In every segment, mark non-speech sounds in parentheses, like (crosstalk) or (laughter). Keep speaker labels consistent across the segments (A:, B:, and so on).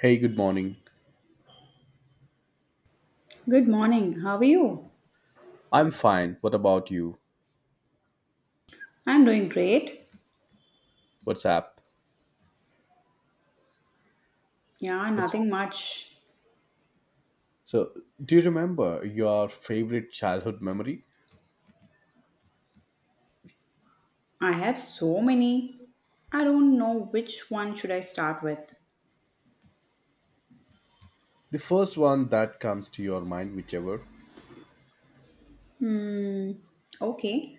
A: Hey, good morning.
B: Good morning. How are you?
A: I'm fine. What about you?
B: I'm doing great.
A: What's up?
B: Yeah,
A: What's...
B: nothing much.
A: So, do you remember your favorite childhood memory?
B: I have so many. I don't know which one should I start with.
A: The first one that comes to your mind, whichever.
B: Hmm. Okay.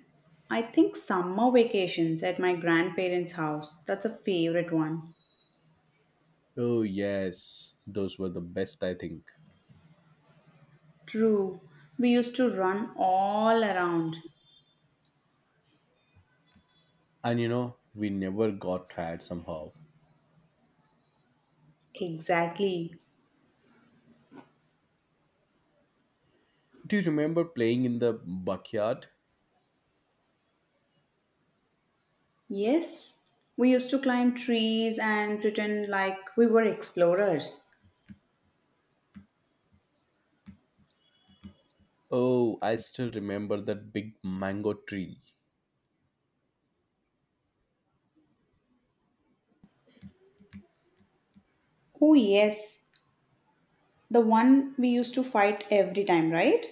B: I think summer vacations at my grandparents' house. That's a favorite one.
A: Oh, yes, those were the best, I think.
B: True. We used to run all around.
A: And we never got tired somehow.
B: Exactly.
A: Do you remember playing in the backyard?
B: Yes. We used to climb trees and pretend like we were explorers.
A: Oh, I still remember that big mango tree.
B: Oh, yes. The one we used to fight every time, right?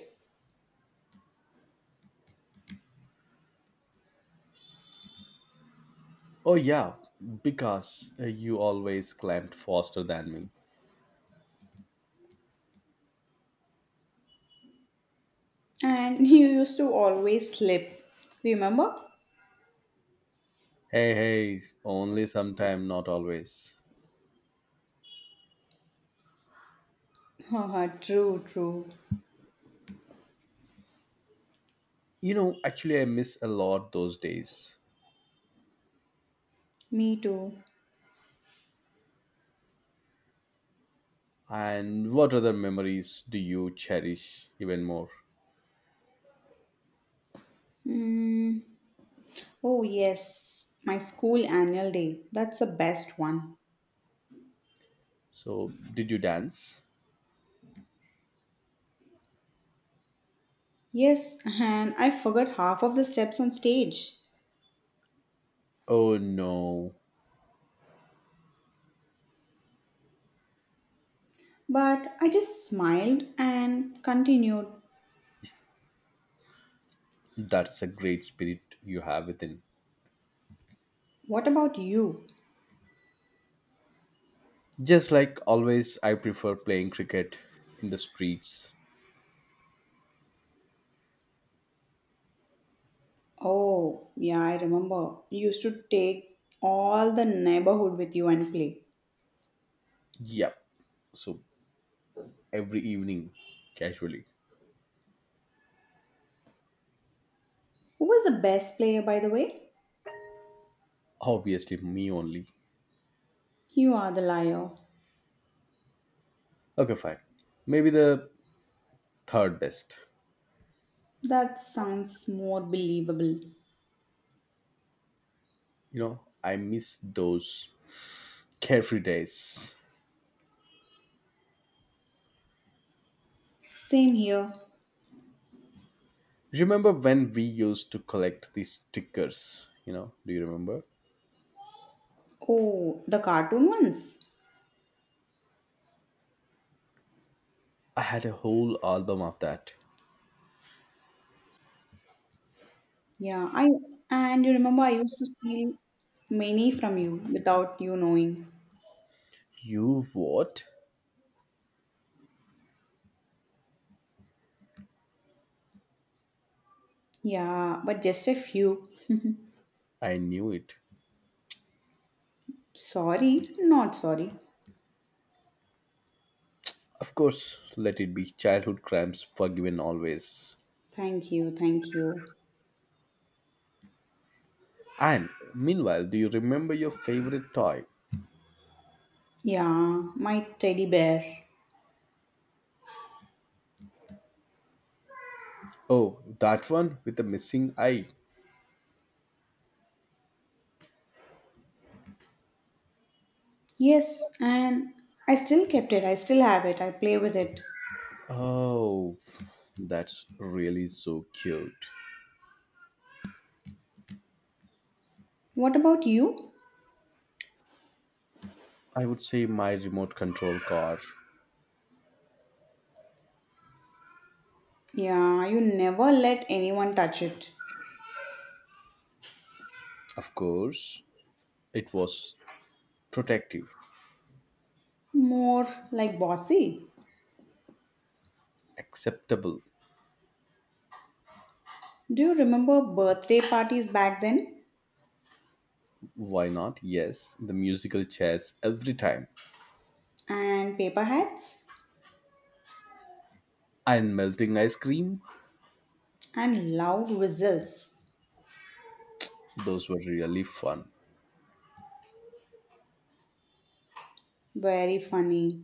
A: Oh, yeah, because you always climbed faster than me.
B: And (laughs) you used to always slip. Remember?
A: Hey, hey, only sometime, not always.
B: Haha, true, true.
A: Actually, I miss a lot those days.
B: Me too.
A: And what other memories do you cherish even more?
B: Mm, oh, yes. My school annual day. That's the best one.
A: So, did you dance?
B: Yes, and I forgot half of the steps on stage.
A: Oh no,
B: But I just smiled and continued.
A: that's a great spirit you have within.
B: What about you?
A: Just like always, I prefer playing cricket in the streets.
B: Oh, yeah, I remember. You used to take all the neighborhood with you and play.
A: Yep, so every evening, casually.
B: Who was the best player, by the way?
A: Obviously, me only.
B: You are the liar.
A: Okay, fine. Maybe the third best.
B: That sounds more believable.
A: I miss those carefree days.
B: Same here.
A: Remember when we used to collect these stickers? Do you remember?
B: Oh, the cartoon ones.
A: I had a whole album of that.
B: Yeah, I and you remember I used to steal many from you without you knowing.
A: You what?
B: Yeah, but just a few.
A: I knew it.
B: Sorry, not sorry.
A: Of course, let it be childhood crimes forgiven always.
B: Thank you, thank you.
A: And meanwhile, do you remember your favorite toy?
B: Yeah, my teddy bear.
A: Oh, that one with the missing eye.
B: Yes, and I still kept it. I still have it. I play with it.
A: Oh, that's really so cute.
B: What about you?
A: I would say my remote control car.
B: Yeah, you never let anyone touch it.
A: Of course, it was protective,
B: More like bossy.
A: acceptable.
B: Do you remember birthday parties back then?
A: Why not? Yes, the musical chairs every time.
B: And paper hats?
A: And melting ice cream,
B: And loud whistles.
A: those were really fun.
B: Very funny.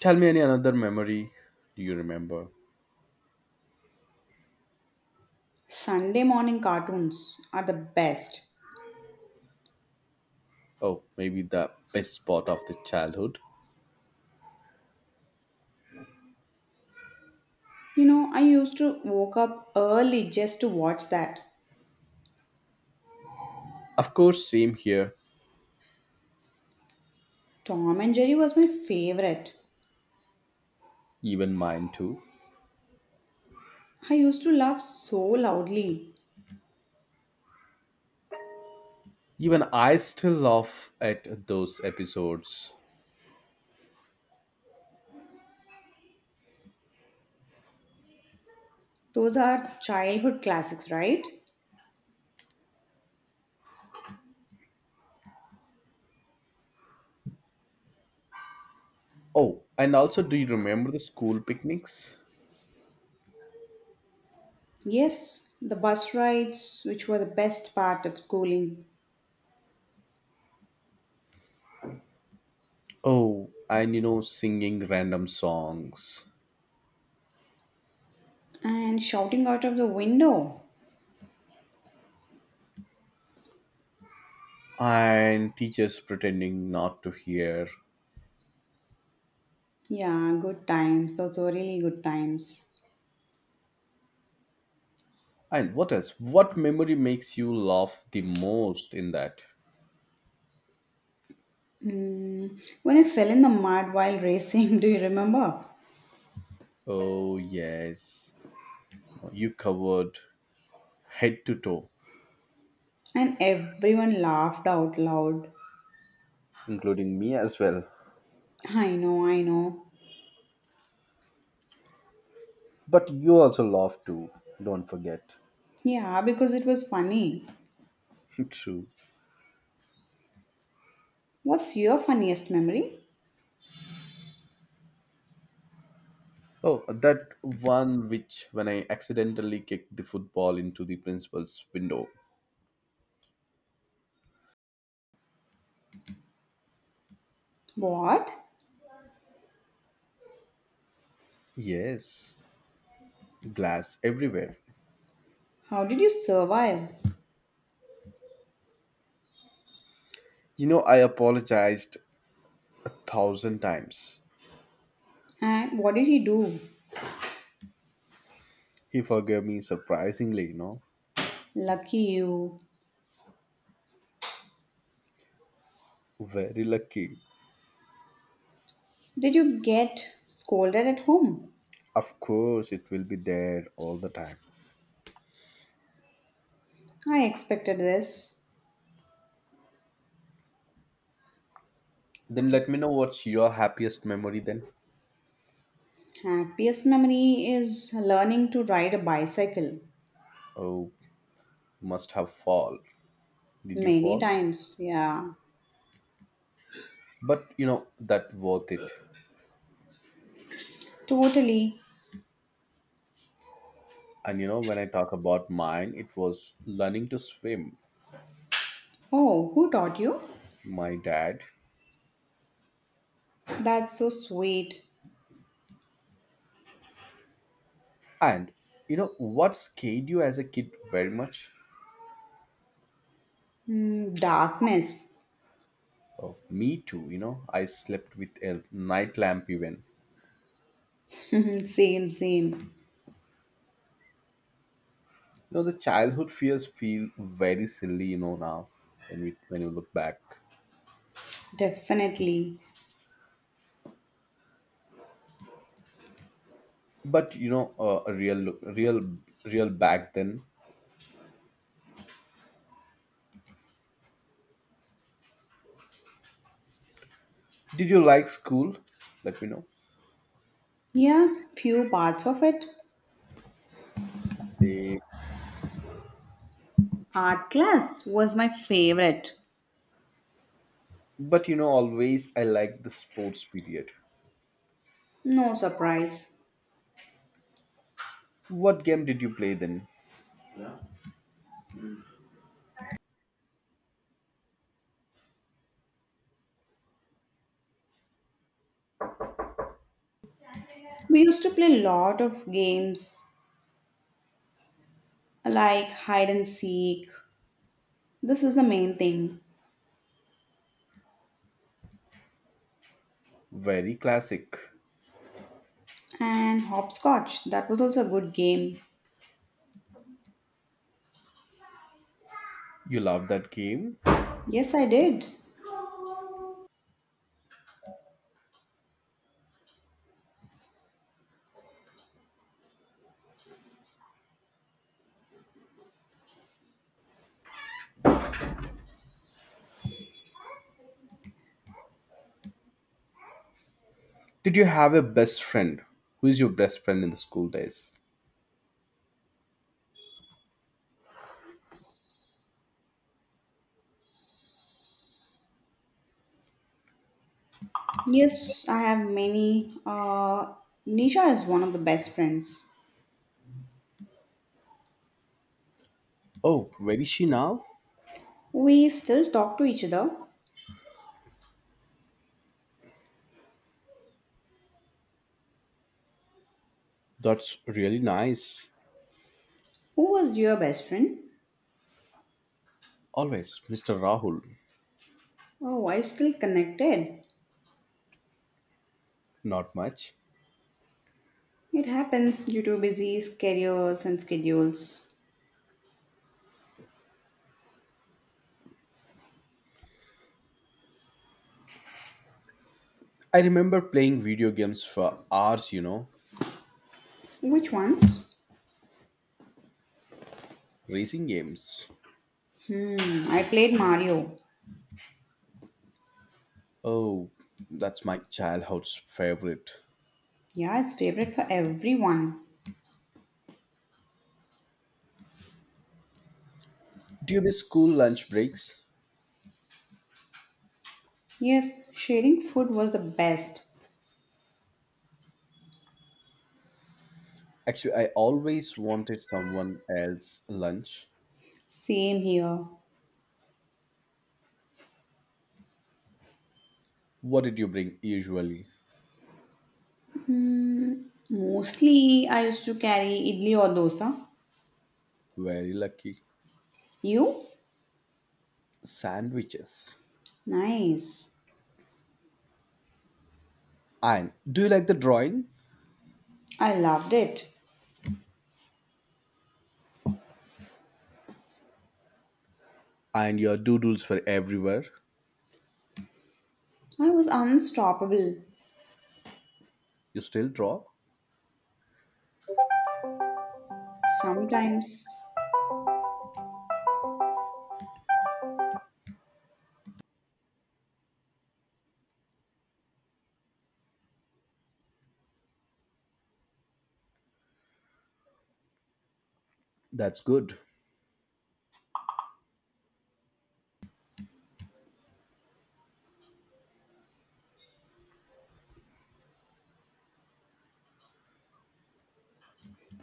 A: Tell me any another memory do you remember?
B: Sunday morning cartoons are the best.
A: Oh, maybe the best spot of the childhood.
B: I used to woke up early just to watch that.
A: Of course, same here,
B: Tom and Jerry was my favorite.
A: even mine too.
B: I used to laugh so loudly.
A: Even I still laugh at those episodes.
B: Those are childhood classics, right?
A: Oh, and also, do you remember the school picnics?
B: Yes, the bus rides, which were the best part of schooling,
A: Oh, and singing random songs
B: and shouting out of the window.
A: and teachers pretending not to hear.
B: Yeah, good times. Those were really good times.
A: And what else? What memory makes you laugh the most in that?
B: Mm, when I fell in the mud while racing, (laughs) do you remember?
A: Oh, yes. You covered head to toe,
B: And everyone laughed out loud.
A: including me as well.
B: I know, I know.
A: But you also laugh too, don't forget.
B: Yeah, because it was funny.
A: (laughs) True.
B: What's your funniest memory?
A: Oh, that one which when I accidentally kicked the football into the principal's window.
B: What?
A: Yes, glass everywhere.
B: How did you survive?
A: I apologized a thousand times.
B: And what did he do?
A: He forgave me surprisingly.
B: Lucky you.
A: Very lucky.
B: Did you get scolded at home?
A: Of course, it will be there all the time.
B: I expected this.
A: Then let me know what's your happiest memory then.
B: Happiest memory is learning to ride a bicycle.
A: Oh, you must have fall. Did you
B: Many
A: fall?
B: times, yeah.
A: But that worth it.
B: Totally.
A: And when I talk about mine, it was learning to swim.
B: Oh, who taught you?
A: My dad.
B: That's so sweet.
A: And you know what scared you as a kid very much?
B: Hmm, darkness.
A: Oh, me too. I slept with a night lamp even.
B: (laughs) same, same.
A: The childhood fears feel very silly, now when you look back.
B: Definitely.
A: But real back then. Did you like school? Let me know.
B: Yeah, few parts of it.
A: Say,
B: Art class was my favorite.
A: but always I liked the sports period.
B: No surprise.
A: What game did you play then?
B: We used to play a lot of games like hide and seek. This is the main thing.
A: Very classic.
B: And hopscotch, that was also a good game.
A: You love that game.
B: Yes, I did.
A: Did you have a best friend? Who is your best friend in the school days?
B: Yes, I have many. Nisha is one of the best friends.
A: Oh, where is she now?
B: We still talk to each other.
A: That's really nice.
B: Who was your best friend?
A: Always, Mr. Rahul.
B: Oh, are you still connected?
A: Not much.
B: It happens due to busy schedules and schedules.
A: I remember playing video games for hours,
B: Which ones?
A: racing games.
B: Hmm, I played Mario.
A: Oh, that's my childhood's favorite.
B: Yeah, it's favorite for everyone.
A: Do you miss school lunch breaks?
B: Yes, sharing food was the best.
A: Actually, I always wanted someone else's lunch.
B: Same here.
A: What did you bring usually?
B: Mm, mostly I used to carry idli or dosa.
A: Very lucky.
B: You?
A: Sandwiches.
B: Nice.
A: And do you like the drawing?
B: I loved it.
A: And your doodles for everywhere.
B: I was unstoppable.
A: You still draw?
B: Sometimes.
A: That's good.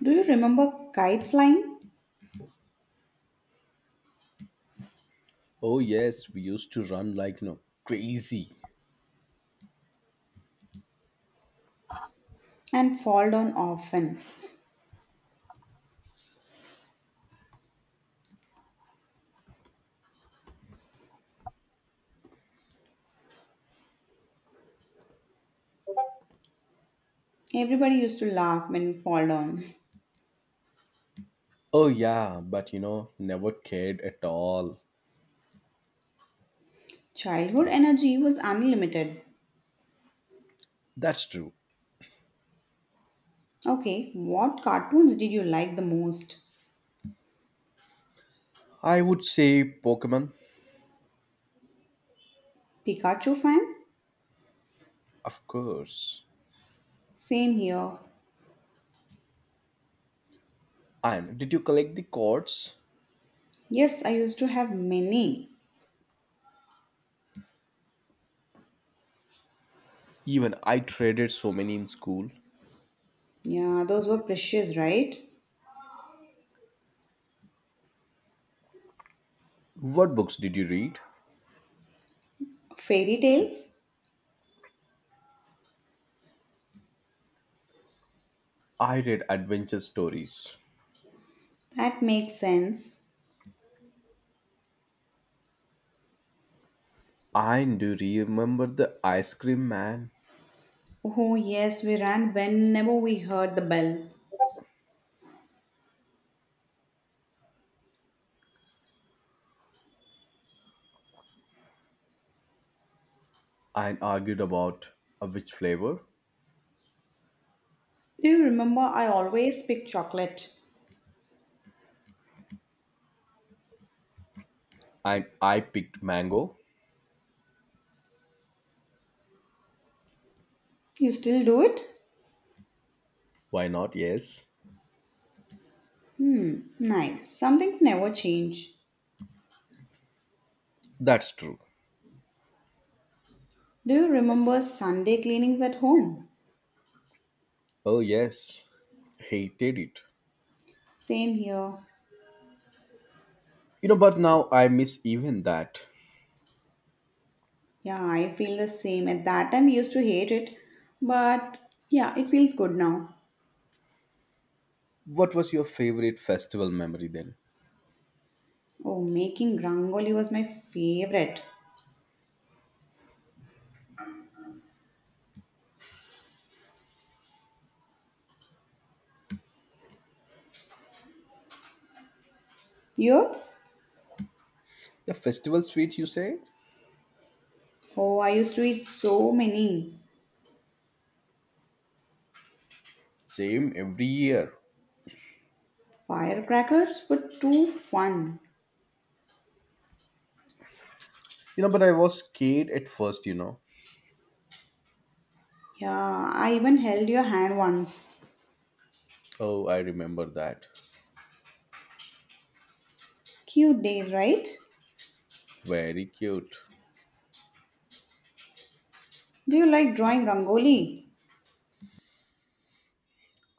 B: Do you remember kite flying?
A: Oh yes, we used to run like crazy.
B: And fall down often. Everybody used to laugh when we fall down.
A: Oh, yeah, but never cared at all.
B: (laughs) Childhood energy was unlimited.
A: That's true.
B: Okay, what cartoons did you like the most?
A: I would say Pokemon,
B: Pikachu fan?
A: of course.
B: Same here.
A: And did you collect the cards?
B: Yes, I used to have many.
A: Even I traded so many in school.
B: Yeah, those were precious, right?
A: What books did you read?
B: Fairy tales?
A: I read adventure stories.
B: That makes sense.
A: And do you remember the ice cream man?
B: Oh, yes, we ran whenever we heard the bell.
A: And argued about which flavor?
B: Do you remember I always pick chocolate?
A: And I picked mango.
B: You still do it?
A: Why not? Yes.
B: Hmm, nice. Some things never change.
A: That's true.
B: Do you remember Sunday cleanings at home?
A: Oh, yes. Hated it.
B: Same here.
A: But now I miss even that.
B: Yeah, I feel the same. At that time, we used to hate it, but yeah, it feels good now.
A: What was your favorite festival memory then?
B: Oh, making rangoli was my favorite. Yours?
A: The festival sweet, you say?
B: Oh, I used to eat so many.
A: Same every year.
B: Firecrackers were too fun.
A: But I was scared at first.
B: Yeah, I even held your hand once.
A: Oh, I remember that.
B: Cute days, right?
A: Very cute.
B: Do you like drawing rangoli?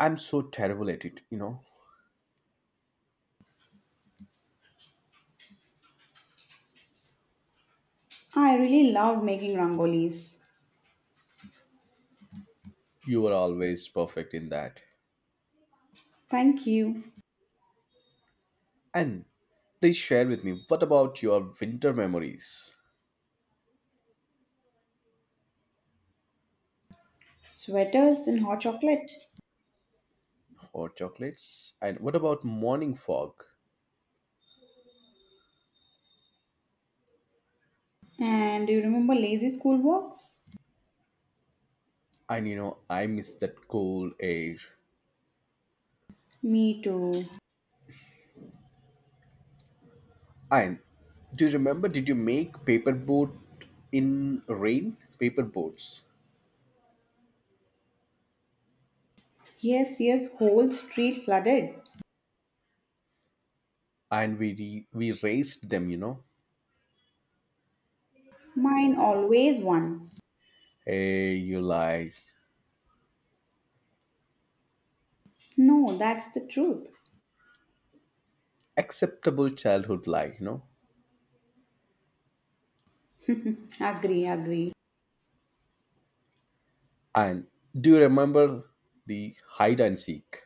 A: I'm so terrible at it, you know.
B: I really love making rangolis.
A: You were always perfect in that.
B: Thank you.
A: And please share with me what about your winter memories
B: Sweaters and hot chocolate.
A: or chocolates? And what about morning fog?
B: And do you remember lazy school walks?
A: And I miss that cold air.
B: Me too.
A: And do you remember? Did you make paper boat in rain? Paper boats,
B: Yes, yes, whole street flooded.
A: and we raced them. You know,
B: Mine always won.
A: hey, you lies.
B: No, that's the truth.
A: Acceptable childhood lie.
B: (laughs) agree, agree.
A: And do you remember the hide and seek?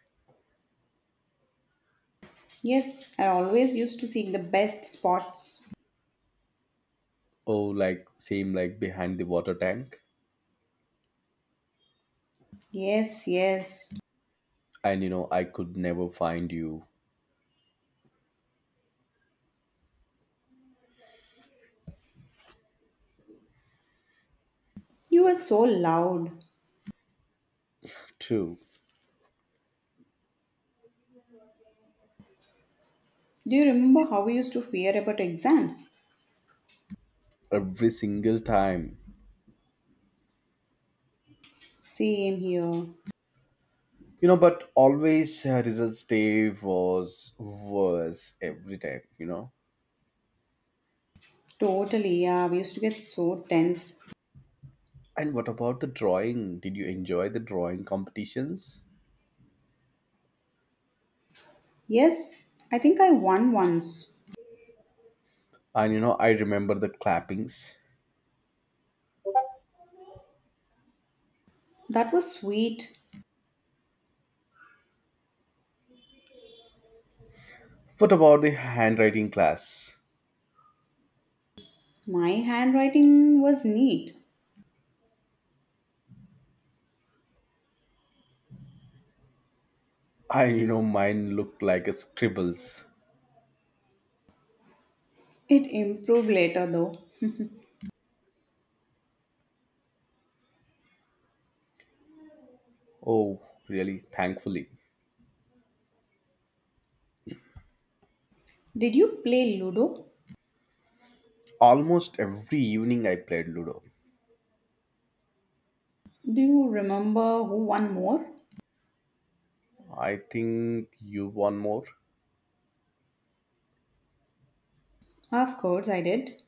B: Yes, I always used to seek the best spots.
A: Oh, like same like behind the water tank.
B: Yes, yes.
A: And I could never find you.
B: You were so loud.
A: True.
B: Do you remember how we used to fear about exams?
A: Every single time.
B: Same here.
A: But always results day was worse every time.
B: Totally, yeah. We used to get so tensed.
A: And what about the drawing? Did you enjoy the drawing competitions?
B: Yes, I think I won once.
A: And I remember the clappings.
B: That was sweet.
A: What about the handwriting class?
B: My handwriting was neat.
A: Mine looked like a scribbles.
B: It improved later though.
A: Oh, really? Thankfully.
B: Did you play Ludo?
A: Almost every evening I played Ludo.
B: Do you remember who won more?
A: I think you won more.
B: Of course, I did.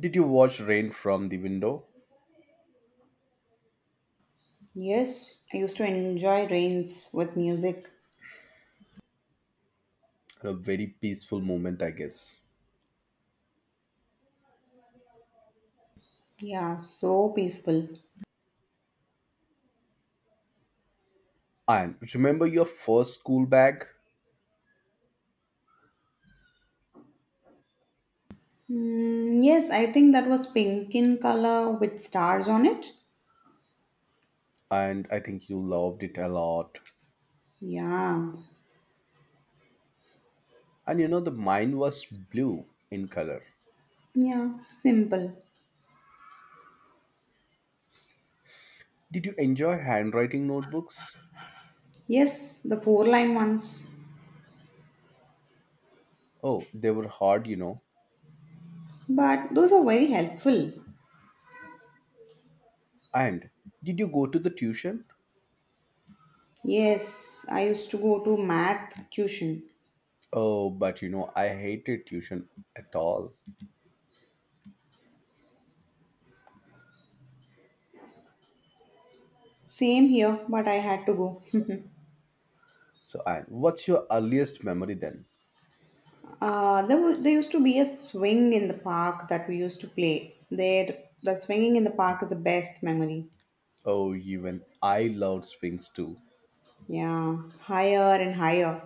A: Did you watch rain from the window?
B: Yes, I used to enjoy rains with music.
A: A very peaceful moment, I guess.
B: Yeah, so peaceful.
A: And remember your first school bag?
B: Mm, yes, I think that was pink in color with stars on it.
A: And I think you loved it a lot.
B: Yeah,
A: And the mine was blue in color.
B: yeah, simple.
A: Did you enjoy handwriting notebooks?
B: Yes, the four line ones.
A: Oh, they were hard.
B: But those are very helpful.
A: And did you go to the tuition?
B: Yes, I used to go to math tuition.
A: Oh, but I hated tuition at all.
B: Same here, but I had to go. (laughs)
A: So, and what's your earliest memory then?
B: There, was there used to be a swing in the park that we used to play. There, the swinging in the park is the best memory.
A: Oh, even I loved swings too,
B: Yeah, higher and higher.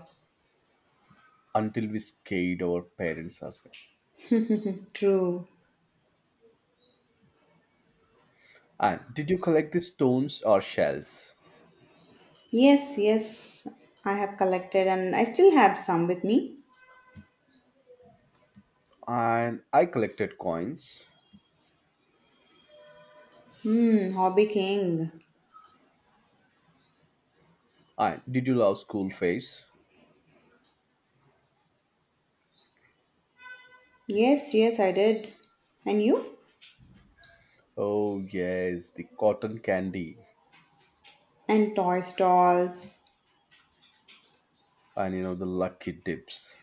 A: until we scared our parents as well.
B: True.
A: And did you collect the stones or shells?
B: Yes, yes, I have collected and I still have some with me.
A: And I collected coins.
B: Hmm, Hobby King.
A: And did you love school face?
B: Yes, yes, I did. And you?
A: Oh yes, the cotton candy
B: And toy stalls.
A: and the lucky dips.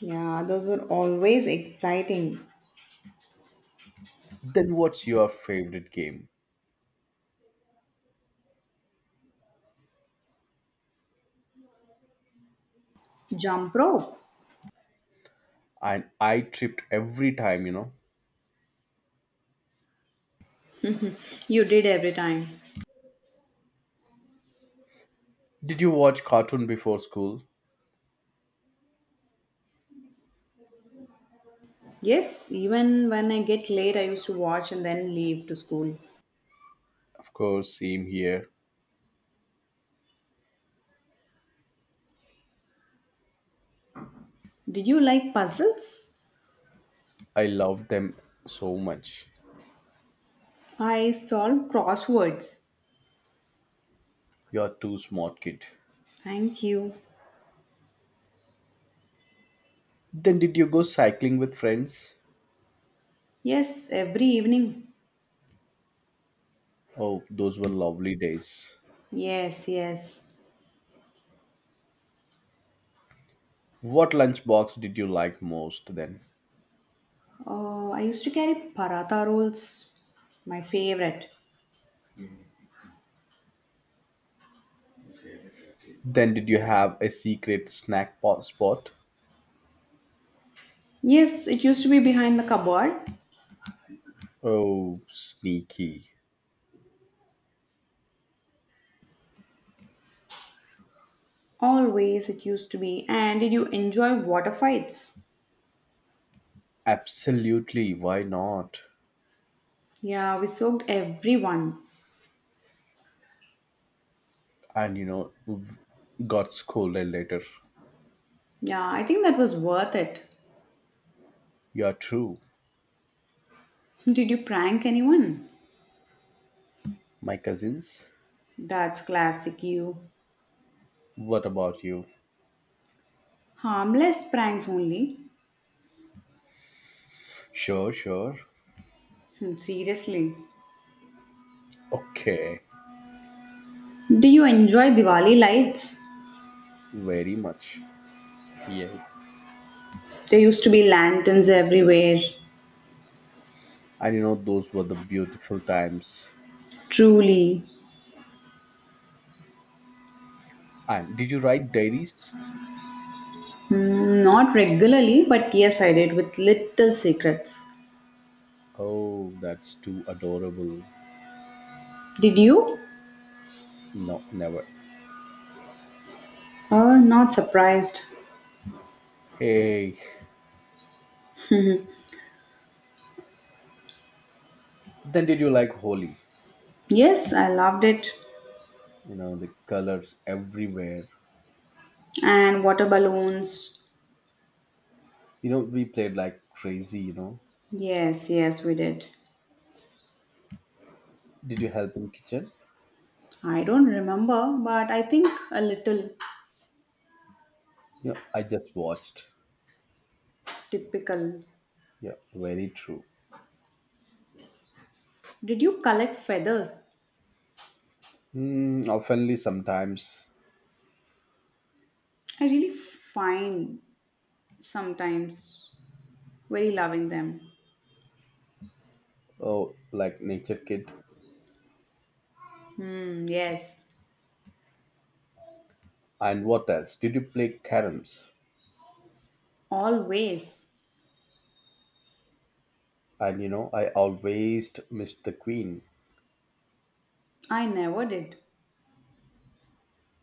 B: Yeah, those were always exciting.
A: Then what's your favorite game?
B: Jump rope.
A: And I tripped every time.
B: (laughs) You did every time.
A: Did you watch cartoon before school?
B: Yes, even when I get late, I used to watch and then leave to school.
A: Of course, same here.
B: Did you like puzzles?
A: I loved them so much.
B: I solved crosswords.
A: You're too smart, kid.
B: Thank you.
A: Then did you go cycling with friends?
B: Yes, every evening.
A: Oh, those were lovely days.
B: Yes, yes.
A: What lunchbox did you like most then?
B: Oh, I used to carry paratha rolls, my favorite.
A: Then did you have a secret snack spot?
B: Yes, it used to be behind the cupboard.
A: Oh, sneaky.
B: Always it used to be. And did you enjoy water fights?
A: Absolutely, why not?
B: Yeah, we soaked everyone.
A: And you know, got scolded later.
B: Yeah, I think that was worth it.
A: You are true.
B: (laughs) Did you prank anyone?
A: My cousins?
B: That's classic you.
A: What about you?
B: Harmless pranks only.
A: Sure, sure.
B: Hmm, Seriously.
A: Okay,
B: Do you enjoy Diwali lights?
A: very much. Yeah.
B: There used to be lanterns everywhere.
A: And those were the beautiful times.
B: Truly.
A: And did you write diaries?
B: Mm, Not regularly, but yes, I did with little secrets.
A: Oh, that's too adorable.
B: Did you?
A: No, never.
B: Oh, not surprised.
A: Hey, then did you like Holi?
B: Yes, I loved it.
A: The colors everywhere.
B: And water balloons.
A: We played like crazy.
B: Yes, yes, we did.
A: Did you help in kitchen?
B: I don't remember, but I think a little
A: Yeah, I just watched.
B: typical.
A: Yeah, very true.
B: Did you collect feathers?
A: Oftenly, sometimes,
B: I really find sometimes very loving them.
A: oh, like Nature Kid.
B: Hmm, yes.
A: And what else? Did you play caroms?
B: Always.
A: And I always missed the queen.
B: I never did.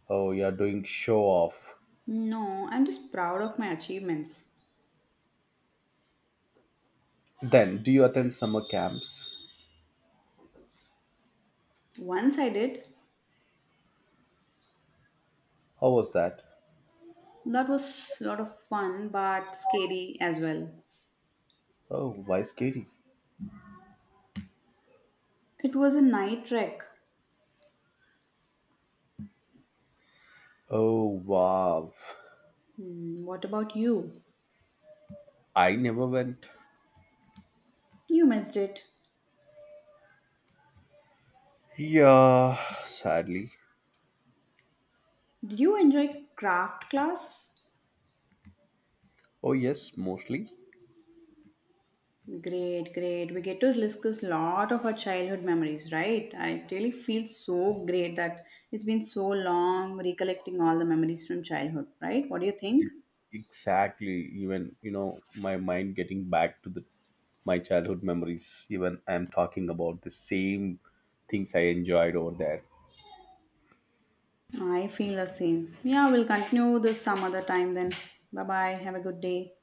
A: Oh, you're doing show off.
B: No, I'm just proud of my achievements.
A: Then, do you attend summer camps?
B: Once I did.
A: How was that?
B: That was a lot of fun but scary as well.
A: Oh, why scary?
B: It was a night trek.
A: Oh, wow.
B: Hmm, what about you?
A: I never went.
B: You missed it.
A: Yeah, sadly.
B: Did you enjoy craft class?
A: Oh, yes, mostly.
B: Great, great. We get to discuss a lot of our childhood memories, right? I really feel so great that it's been so long recollecting all the memories from childhood, right? What do you think?
A: Exactly. Even my mind getting back to the my childhood memories. Even I'm talking about the same things I enjoyed over there.
B: I feel the same. Yeah, we'll continue this some other time then. Bye bye. Have a good day.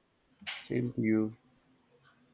A: Same to you.